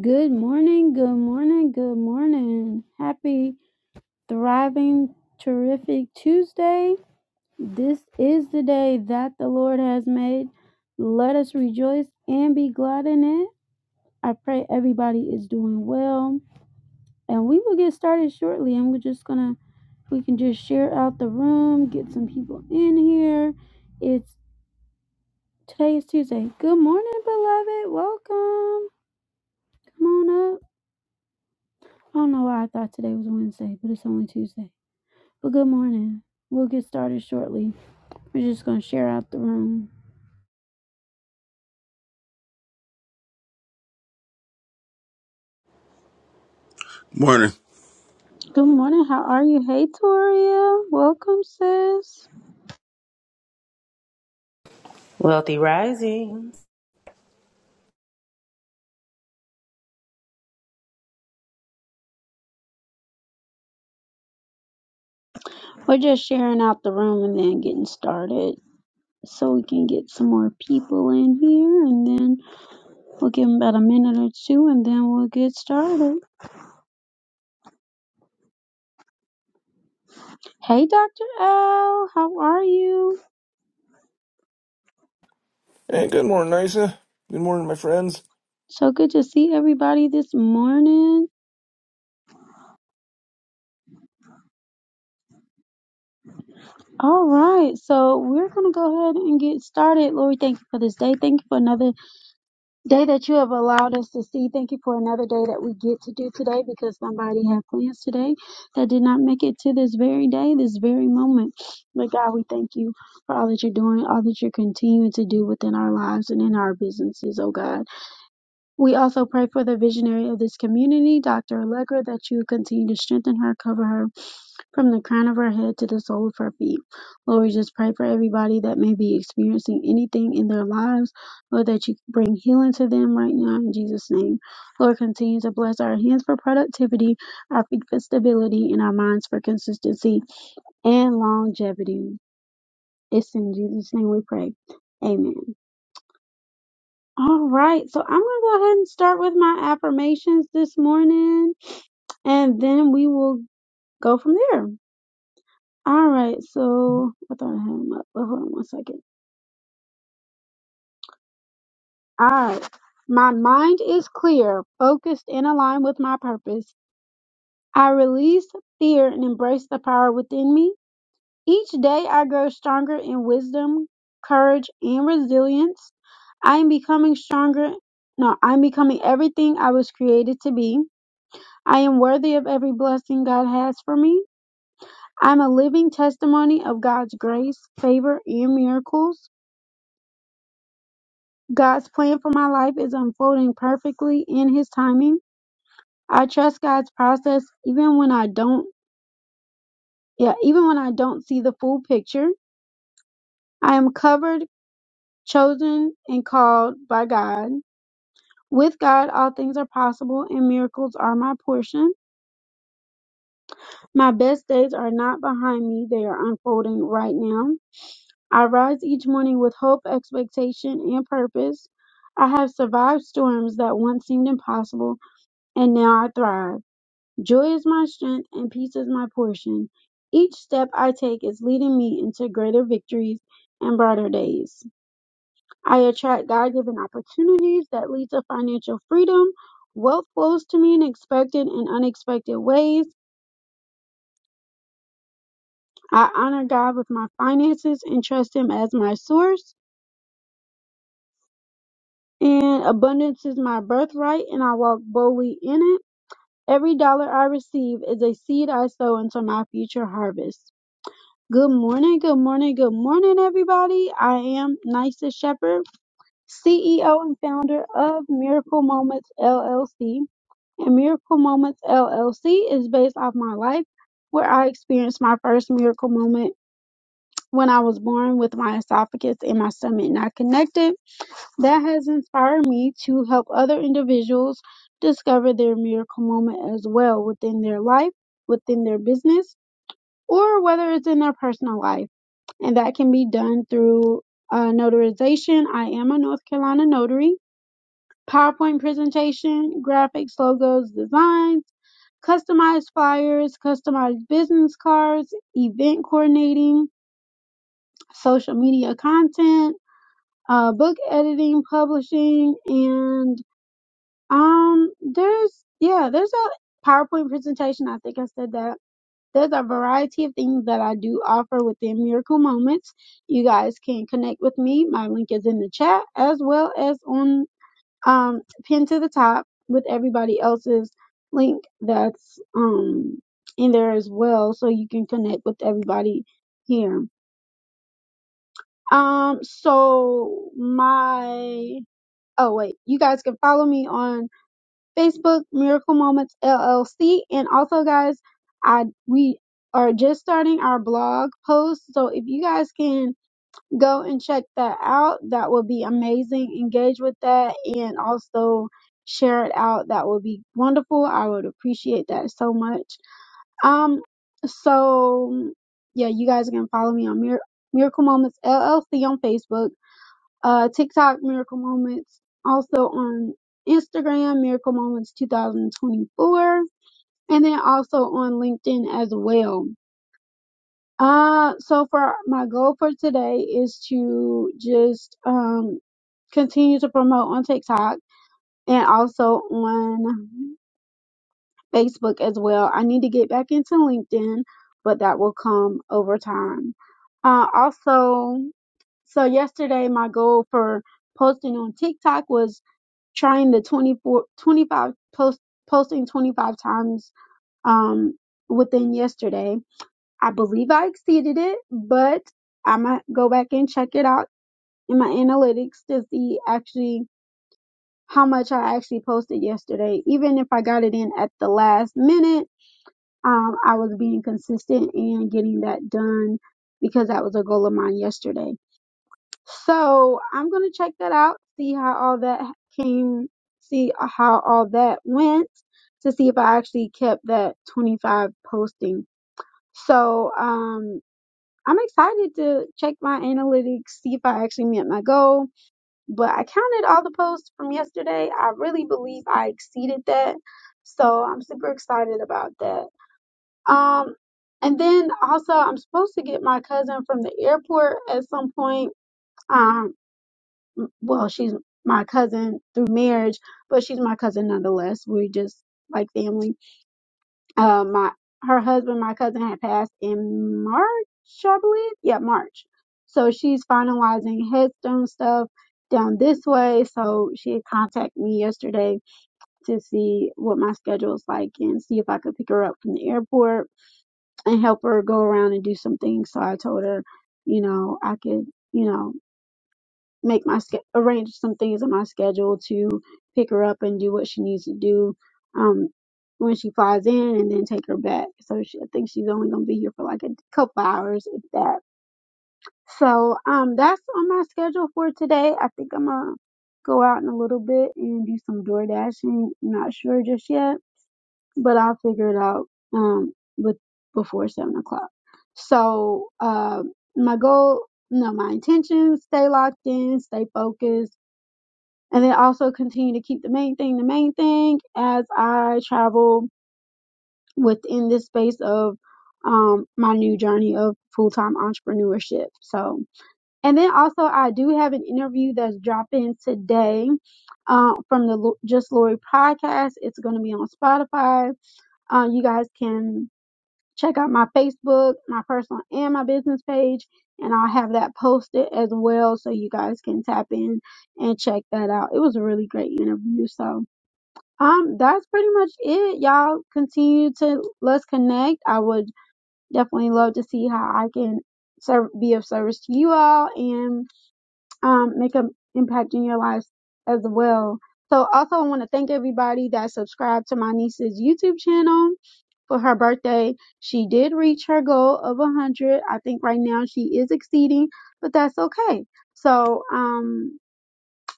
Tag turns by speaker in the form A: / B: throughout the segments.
A: Good morning, good morning, good morning. Happy, thriving, terrific Tuesday. This is the day that the Lord has made. Let us rejoice and be glad in it. I pray everybody is doing well. And we will get started shortly, and we're just going to we can just share out the room, get some people in here. It's today is Tuesday. Good morning, beloved. Welcome. Come on up. I don't know why I thought today was Wednesday, but it's only Tuesday. Well, good morning. We'll get started shortly. We're just going to share out the room.
B: Morning.
A: Good morning. How are you? Hey, Toria. Welcome, sis.
C: Wealthy Risings.
A: We're just sharing out the room and then getting started so we can get some more people in here. And then we'll give them about a minute or two and then we'll get started. Hey, Dr. L. How are you?
D: Hey, good morning, Isa. Good morning, my friends.
A: So good to see everybody this morning. All right. So we're going to go ahead and get started. Lord, we thank you for this day. Thank you for another Day that you have allowed us to see. Thank you for another day that we get to do today because somebody had plans today that did not make it to this very day, this very moment. But God, we thank you for all that you're doing, all that you're continuing to do within our lives and in our businesses, oh God. We also pray for the visionary of this community, Dr. Allegra, that you continue to strengthen her, cover her, from the crown of her head to the sole of her feet. Lord, we just pray for everybody that may be experiencing anything in their lives. Lord, that you bring healing to them right now in Jesus' name. Lord, continue to bless our hands for productivity, our feet for stability, and our minds for consistency and longevity. It's in Jesus' name we pray. Amen. All right, so I'm going to go ahead and start with my affirmations this morning, and then we will go from there. All right, so I thought I had him up, but hold on one second. All right, my mind is clear, focused, and aligned with my purpose. I release fear and embrace the power within me. Each day, I grow stronger in wisdom, courage, and resilience. I am becoming stronger. No, I'm becoming everything I was created to be. I am worthy of every blessing God has for me. I'm a living testimony of God's grace, favor, and miracles. God's plan for my life is unfolding perfectly in his timing. I trust God's process even when I don't yeah, even when I don't see the full picture. I am covered, chosen, and called by God. With God all things are possible and miracles are my portion. My best days are not behind me, they are unfolding right now. I rise each morning with hope, expectation, and purpose. I have survived storms that once seemed impossible, and now I thrive. Joy is my strength and peace is my portion. Each step I take is leading me into greater victories and brighter days. I attract God given opportunities that lead to financial freedom. Wealth flows to me in expected and unexpected ways. I honor God with my finances and trust Him as my source. And abundance is my birthright, and I walk boldly in it. Every dollar I receive is a seed I sow into my future harvest. Good morning, good morning, good morning, everybody. I am Nysa Shepherd, CEO and founder of Miracle Moments LLC. And Miracle Moments LLC is based off my life, where I experienced my first miracle moment when I was born with my esophagus and my stomach not connected. That has inspired me to help other individuals discover their miracle moment as well within their life, within their business, or whether it's in their personal life and that can be done through uh, notarization. I am a North Carolina notary. PowerPoint presentation, graphics, logos, designs, customized flyers, customized business cards, event coordinating, social media content, uh, book editing, publishing, and um, there's yeah, there's a PowerPoint presentation. I think I said that There's a variety of things that I do offer within Miracle Moments. You guys can connect with me. My link is in the chat as well as on um pinned to the top with everybody else's link that's um in there as well. So you can connect with everybody here. Um so my oh wait, you guys can follow me on Facebook Miracle Moments LLC, and also guys, I we are just starting our blog post, so if you guys can go and check that out, that would be amazing. Engage with that, and also share it out. That would be wonderful. I would appreciate that so much. Um, so yeah, you guys can follow me on Mir- Miracle Moments LLC on Facebook uh, TikTok Miracle Moments, also on Instagram Miracle Moments 2024, and then also on LinkedIn as well. Uh, so for my goal for today is to just um, continue to promote on TikTok and also on Facebook as well. I need to get back into LinkedIn, but that will come over time. Uh, also, so yesterday my goal for posting on TikTok was trying the 24, 25 post, posting 25 times um, within yesterday. I believe I exceeded it, but I might go back and check it out in my analytics to see actually how much I actually posted yesterday. Even if I got it in at the last minute, um, I was being consistent and getting that done because that was a goal of mine yesterday. So I'm gonna check that out, see how all that came, see how all that went, to see if I actually kept that 25 posting. So um, I'm excited to check my analytics, see if I actually met my goal. But I counted all the posts from yesterday. I really believe I exceeded that. So I'm super excited about that. Um, and then also I'm supposed to get my cousin from the airport at some point. Um, well, she's my cousin through marriage, but she's my cousin nonetheless. We just like family. Uh, my her husband, my cousin, had passed in March, I believe. Yeah, March. So she's finalizing headstone stuff down this way. So she had contacted me yesterday to see what my schedule's like and see if I could pick her up from the airport and help her go around and do some things. So I told her, you know, I could, you know make my sch- arrange some things in my schedule to pick her up and do what she needs to do um when she flies in and then take her back so she, i think she's only going to be here for like a couple hours if that so um that's on my schedule for today i think i'm going to go out in a little bit and do some door dashing not sure just yet but i'll figure it out um with before seven o'clock so um my goal no my intentions stay locked in stay focused and then also continue to keep the main thing the main thing as I travel within this space of um my new journey of full-time entrepreneurship. So, and then also I do have an interview that's dropping today uh, from the Lo- Just Lori podcast. It's going to be on Spotify. Uh, you guys can Check out my Facebook, my personal and my business page, and I'll have that posted as well so you guys can tap in and check that out. It was a really great interview. So um that's pretty much it. Y'all continue to let's connect. I would definitely love to see how I can serve, be of service to you all and um, make an impact in your lives as well. So also I want to thank everybody that subscribed to my niece's YouTube channel for her birthday. She did reach her goal of 100. I think right now she is exceeding, but that's okay. So, um,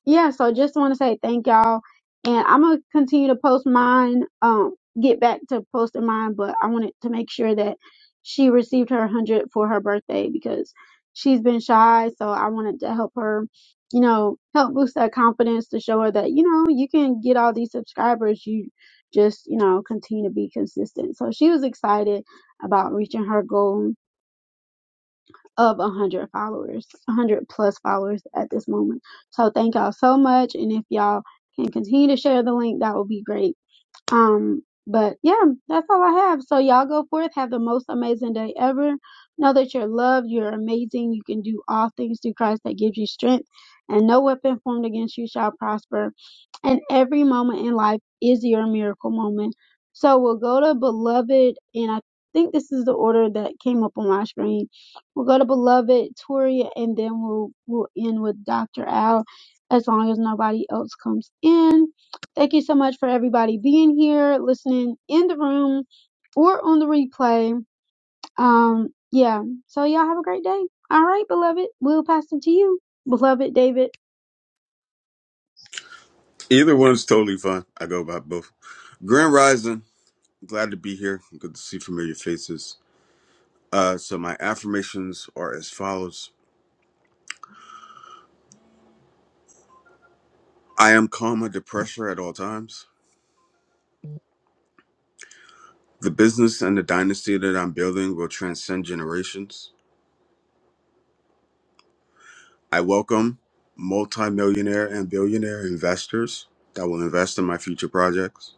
A: yeah, so just want to say thank y'all. And I'm going to continue to post mine, um, get back to posting mine, but I wanted to make sure that she received her 100 for her birthday because she's been shy. So I wanted to help her, you know, help boost that confidence to show her that, you know, you can get all these subscribers. You just, you know, continue to be consistent. So she was excited about reaching her goal of 100 followers, 100 plus followers at this moment. So thank y'all so much. And if y'all can continue to share the link, that would be great. Um, but yeah, that's all I have. So y'all go forth, have the most amazing day ever. Know that you're loved, you're amazing, you can do all things through Christ that gives you strength, and no weapon formed against you shall prosper. And every moment in life is your miracle moment. So we'll go to beloved, and I think this is the order that came up on my screen. We'll go to beloved, Toria, and then we'll we'll end with Dr. Al, as long as nobody else comes in. Thank you so much for everybody being here, listening in the room or on the replay. Um, yeah. So y'all have a great day. All right, beloved. We'll pass it to you. Beloved David.
B: Either one's totally fine. I go by both. Grand Rising. Glad to be here. Good to see familiar faces. Uh, so my affirmations are as follows: I am calm under pressure at all times. The business and the dynasty that I'm building will transcend generations. I welcome multimillionaire and billionaire investors that will invest in my future projects.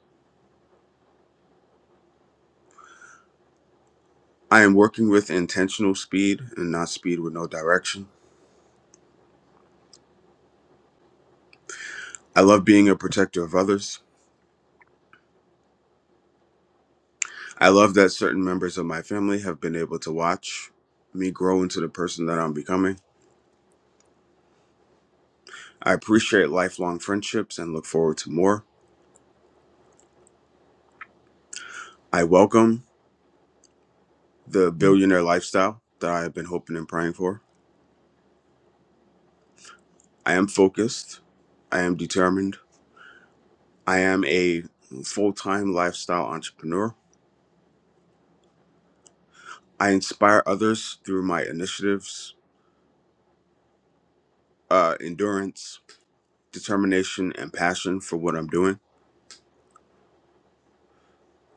B: I am working with intentional speed and not speed with no direction. I love being a protector of others. I love that certain members of my family have been able to watch me grow into the person that I'm becoming. I appreciate lifelong friendships and look forward to more. I welcome the billionaire lifestyle that I have been hoping and praying for. I am focused. I am determined. I am a full time lifestyle entrepreneur. I inspire others through my initiatives, uh, endurance, determination, and passion for what I'm doing.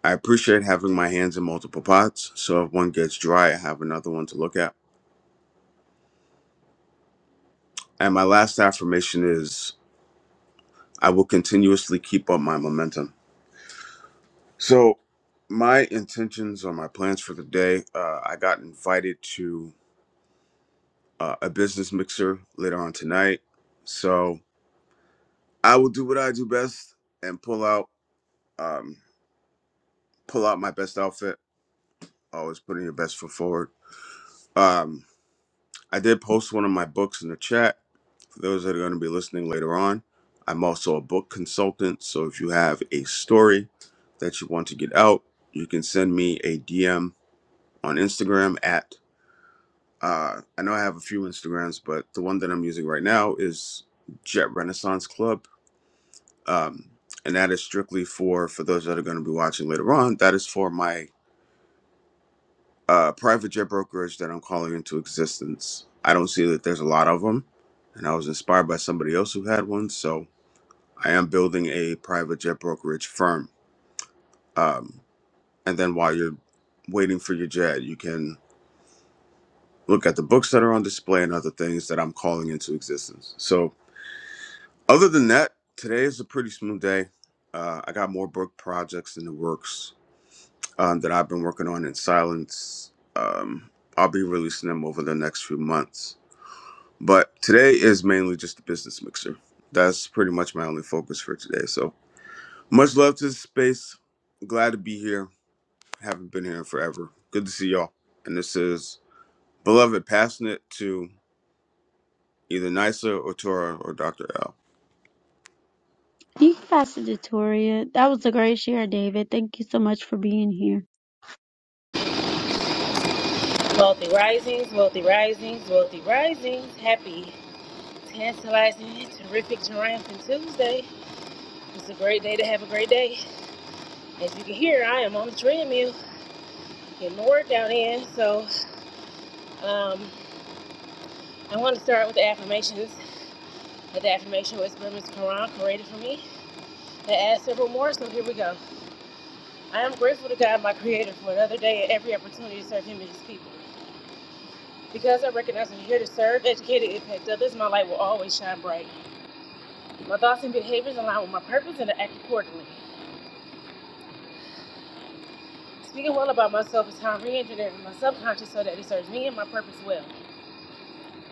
B: I appreciate having my hands in multiple pots, so if one gets dry, I have another one to look at. And my last affirmation is I will continuously keep up my momentum. So, my intentions or my plans for the day uh, I got invited to uh, a business mixer later on tonight. So, I will do what I do best and pull out. Um, pull out my best outfit always putting your best foot forward um i did post one of my books in the chat For those that are going to be listening later on, I'm also a book consultant. So if you have a story that you want to get out, you can send me a DM on Instagram at, uh, I know I have a few Instagrams, but the one that I'm using right now is Jet Renaissance Club. Um, and that is strictly for, for those that are going to be watching later on, that is for my uh, private jet brokerage that I'm calling into existence. I don't see that there's a lot of them. And I was inspired by somebody else who had one. So I am building a private jet brokerage firm. Um, and then while you're waiting for your jet, you can look at the books that are on display and other things that I'm calling into existence. So, other than that, today is a pretty smooth day. Uh, I got more book projects in the works um, that I've been working on in silence. Um, I'll be releasing them over the next few months. But today is mainly just a business mixer. That's pretty much my only focus for today. So, much love to the space. Glad to be here Haven't been here in forever. Good to see y'all. And this is Beloved, passing it to either Nisa or Tora or Dr. L.
A: You can pass it to Toria. That was a great share, David. Thank you so much for being here.
C: Wealthy Risings, Wealthy Risings, Wealthy Risings. Happy, tantalizing, terrific, triumphant Tuesday. It's a great day to have a great day. As you can hear, I am on the treadmill getting the workout in. So um, I want to start with the affirmations. the affirmation was by Ms. Quran created for me. They asked several more, so here we go. I am grateful to God, my Creator, for another day and every opportunity to serve Him and His people. Because I recognize I'm here to serve, educate, and impact others, my light will always shine bright. My thoughts and behaviors align with my purpose and I act accordingly. Speaking well about myself is how I'm re-engineering my subconscious so that it serves me and my purpose well.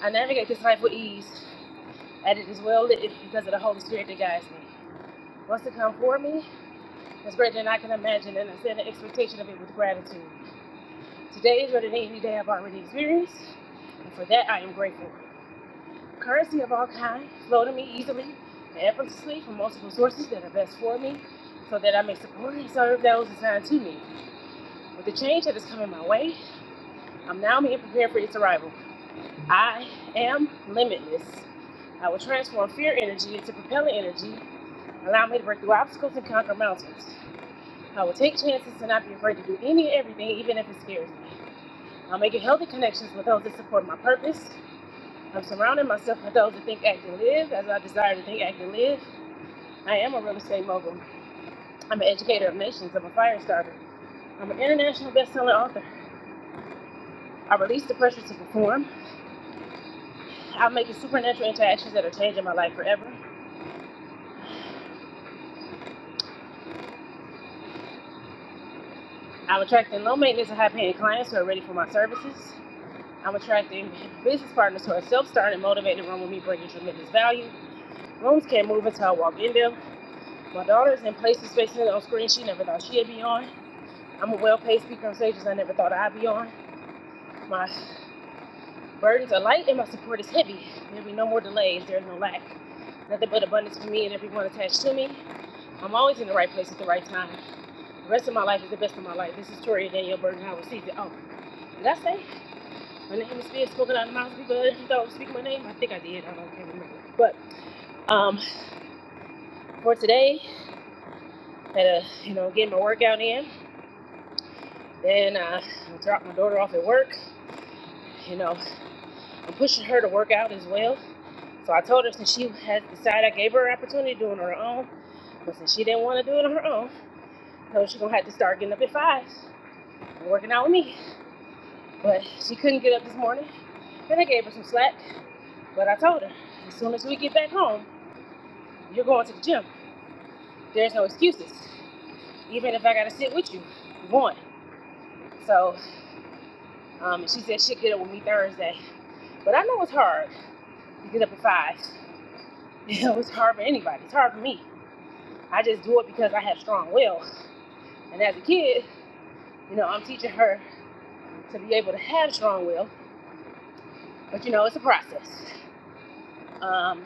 C: I navigate this life with ease, and it is well lit because of the Holy Spirit that guides me. What's to come for me is greater than I can imagine, and I set an expectation of it with gratitude. Today is better than any day I've already experienced, and for that I am grateful. Currency of all kind flow to me easily and effortlessly from multiple sources that are best for me, so that I may support and serve those assigned to me. With the change that is coming my way, I'm now being prepared for its arrival. I am limitless. I will transform fear energy into propellant energy, allow me to break through obstacles and conquer mountains. I will take chances to not be afraid to do any and everything, even if it scares me. I'm making healthy connections with those that support my purpose. I'm surrounding myself with those that think, act, and live as I desire to think, act, and live. I am a real estate mogul. I'm an educator of nations. I'm a fire starter. I'm an international best-selling author. I release the pressure to perform. I'm making supernatural interactions that are changing my life forever. I'm attracting low maintenance and high paying clients who are ready for my services. I'm attracting business partners who are self starting, motivated, run with me, bringing tremendous value. Rooms can't move until I walk in them. My daughter is in places, spaces, and on screen she never thought she'd be on. I'm a well paid speaker on stages I never thought I'd be on. My burdens are light and my support is heavy. There'll be no more delays, there's no lack. Nothing but abundance for me and everyone attached to me. I'm always in the right place at the right time. The rest of my life is the best of my life. This is Toria Danielle Burton Howard season. Oh, did I say my name is being spoken out of the mouth of people that did thought was speaking my name? I think I did. I don't not remember. But um, for today, had a you know getting my workout in. Then uh, I dropped my daughter off at work. You know, I'm pushing her to work out as well. So I told her since she has decided, I gave her an opportunity to do it on her own. But since she didn't want to do it on her own, so she's gonna have to start getting up at five and working out with me. But she couldn't get up this morning, and I gave her some slack. But I told her, as soon as we get back home, you're going to the gym. There's no excuses. Even if I got to sit with you, you're going. So um, she said she'd get up with me Thursday. But I know it's hard to get up at five. it's hard for anybody. It's hard for me. I just do it because I have strong will. And as a kid, you know, I'm teaching her to be able to have strong will. But you know, it's a process. Um,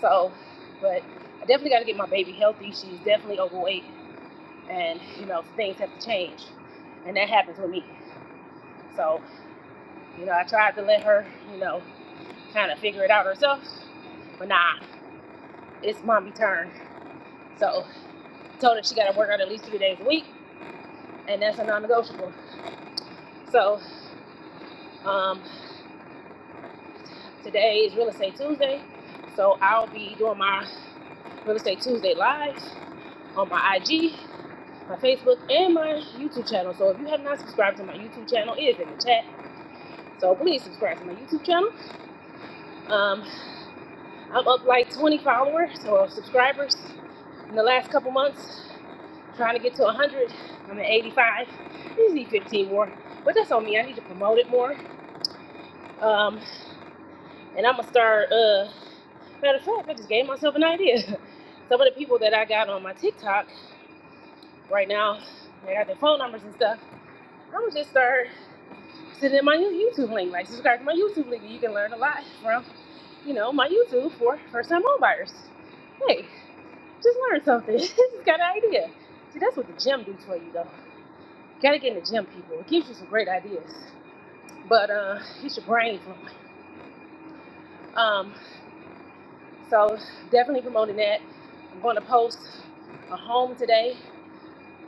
C: so, but I definitely got to get my baby healthy. She's definitely overweight. and you know things have to change and that happens with me so you know i tried to let her you know kind of figure it out herself but nah it's mommy turn so told her she got to work out at least three days a week and that's a non-negotiable so um, today is real estate tuesday so i'll be doing my real estate tuesday live on my ig my facebook and my youtube channel so if you have not subscribed to my youtube channel it is in the chat so please subscribe to my youtube channel um, I'm up like 20 followers or subscribers in the last couple months, trying to get to 100. I'm at 85. I just need 15 more, but that's on me. I need to promote it more. Um, and I'm gonna start. Uh, matter of fact, I just gave myself an idea. Some of the people that I got on my TikTok right now, they got their phone numbers and stuff. I'm gonna just start sending my YouTube link, like subscribe to my YouTube link. You can learn a lot from, you know, my YouTube for first-time homebuyers. Hey, Just learn something. Just got an idea. See, that's what the gym do for you, though. Gotta get in the gym, people. It gives you some great ideas, but uh, it's your brain flowing. Um, so definitely promoting that. I'm going to post a home today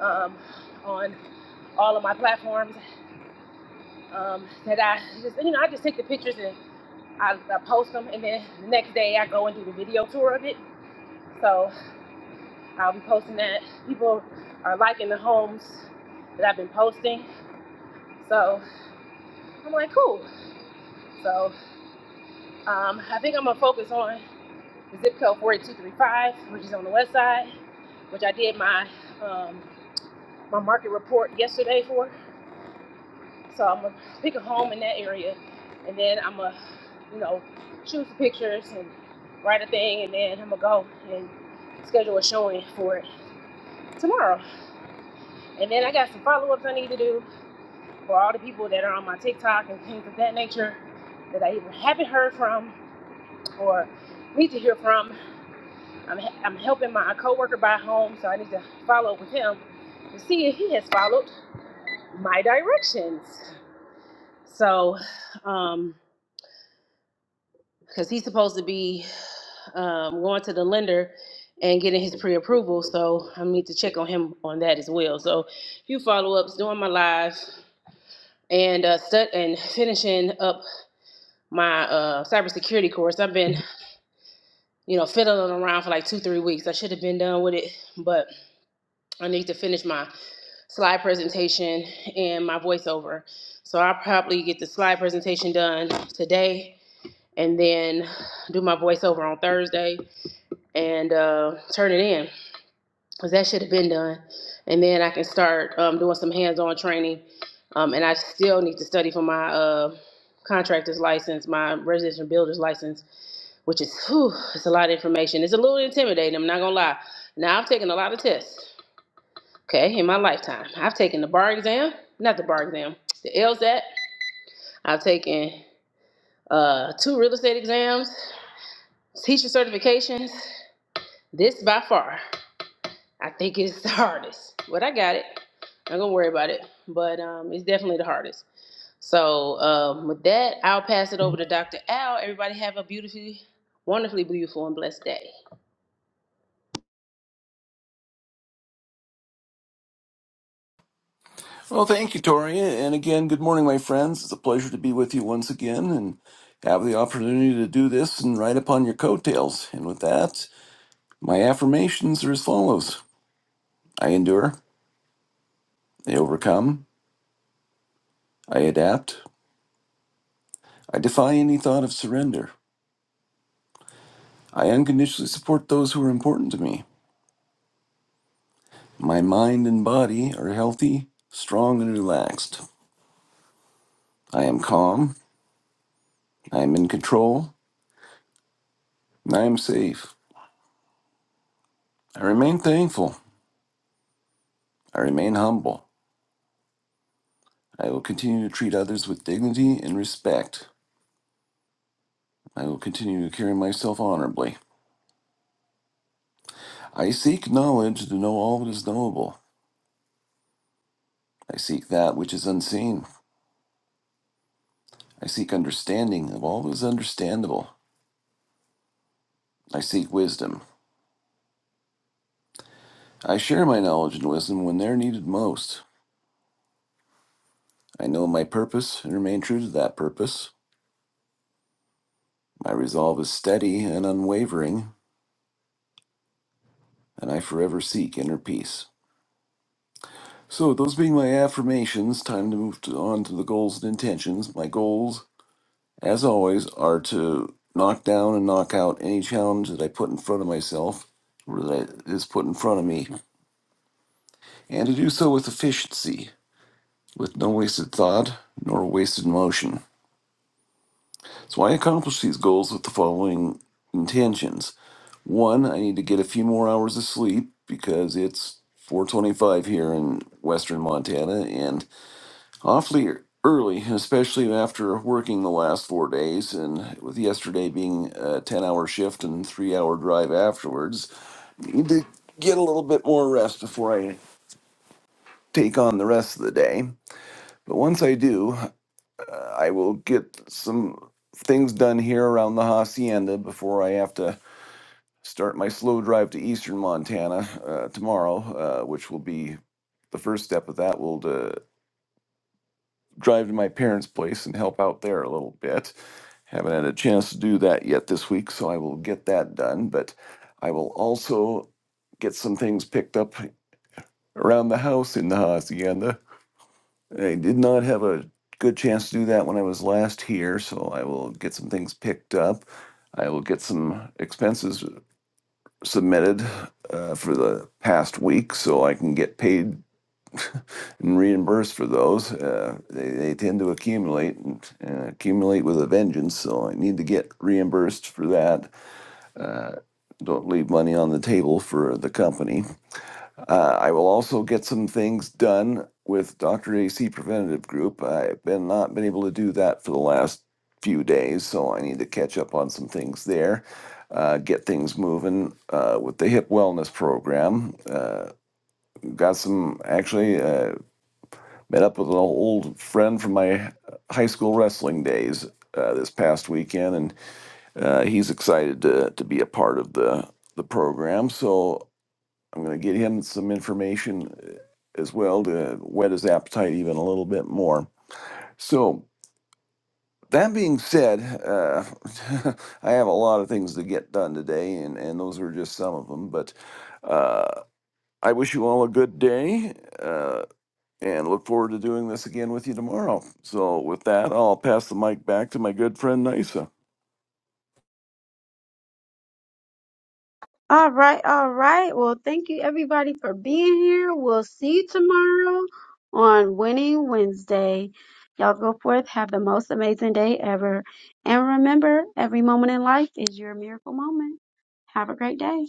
C: um, on all of my platforms um, that I just, you know, I just take the pictures and I, I post them, and then the next day I go and do the video tour of it. So I'll be posting that. People are liking the homes that I've been posting. So I'm like, cool. So um, I think I'm gonna focus on the zip code 48235, which is on the west side, which I did my um, my market report yesterday for. So I'm gonna pick a home in that area, and then I'm gonna, you know, choose the pictures and write a thing, and then I'm gonna go and schedule a showing for it tomorrow. And then I got some follow-ups I need to do for all the people that are on my TikTok and things of that nature that I either haven't heard from or need to hear from I'm, I'm helping my coworker buy home, so I need to follow up with him to see if he has followed my directions. So, um, because he's supposed to be um, going to the lender and getting his pre-approval, so I need to check on him on that as well. So, few follow-ups, doing my live, and uh, stud- and finishing up my uh, cybersecurity course. I've been, you know, fiddling around for like two, three weeks. I should have been done with it, but I need to finish my slide presentation and my voiceover. So I'll probably get the slide presentation done today and then do my voiceover on Thursday and uh, turn it in because that should have been done. And then I can start um, doing some hands on training. Um, and I still need to study for my uh, contractor's license, my residential builder's license, which is whew, it's a lot of information. It's a little intimidating, I'm not gonna lie. Now I've taken a lot of tests. Okay, in my lifetime, I've taken the bar exam, not the bar exam, the LSAT. I've taken uh, two real estate exams, teacher certifications. This by far, I think is the hardest, but I got it. I'm not gonna worry about it, but um, it's definitely the hardest. So um, with that, I'll pass it over to Dr. Al. Everybody have a beautifully, wonderfully beautiful and blessed day.
D: Well, thank you, Tori. And again, good morning, my friends. It's a pleasure to be with you once again and have the opportunity to do this and ride upon your coattails. And with that, my affirmations are as follows I endure, I overcome, I adapt, I defy any thought of surrender, I unconditionally support those who are important to me. My mind and body are healthy, strong, and relaxed. I am calm, I am in control, and I am safe. I remain thankful. I remain humble. I will continue to treat others with dignity and respect. I will continue to carry myself honorably. I seek knowledge to know all that is knowable. I seek that which is unseen. I seek understanding of all that is understandable. I seek wisdom. I share my knowledge and wisdom when they're needed most. I know my purpose and remain true to that purpose. My resolve is steady and unwavering, and I forever seek inner peace. So, those being my affirmations, time to move to, on to the goals and intentions. My goals, as always, are to knock down and knock out any challenge that I put in front of myself, or that is put in front of me, and to do so with efficiency, with no wasted thought nor wasted motion. So, I accomplish these goals with the following intentions. One, I need to get a few more hours of sleep because it's 425 here in western Montana, and awfully early, especially after working the last four days, and with yesterday being a 10 hour shift and three hour drive afterwards. Need to get a little bit more rest before I take on the rest of the day. But once I do, uh, I will get some things done here around the hacienda before I have to start my slow drive to eastern Montana uh, tomorrow, uh, which will be the first step of that will to drive to my parents' place and help out there a little bit Haven't had a chance to do that yet this week, so I will get that done. But I will also get some things picked up around the house in the hacienda. I did not have a good chance to do that when I was last here, so I will get some things picked up. I will get some expenses submitted uh, for the past week so I can get paid and reimburse for those. Uh, they, they tend to accumulate and, and accumulate with a vengeance, so I need to get reimbursed for that. Uh, don't leave money on the table for the company. Uh, I will also get some things done with Dr. AC Preventative Group. I've been not been able to do that for the last few days, so I need to catch up on some things there. Uh, get things moving uh, with the hip wellness program. Uh, got some actually. Uh, Met up with an old friend from my high school wrestling days uh, this past weekend, and uh, he's excited to, to be a part of the, the program. So I'm going to get him some information uh, as well to whet his appetite even a little bit more. So, that being said, uh, I have a lot of things to get done today, and, and those were just some of them. But uh, I wish you all a good day. Uh, and look forward to doing this again with you tomorrow. So, with that, I'll pass the mic back to my good friend Nisa.
A: All right, all right. Well, thank you everybody for being here. We'll see you tomorrow on Winning Wednesday. Y'all go forth, have the most amazing day ever. And remember, every moment in life is your miracle moment. Have a great day.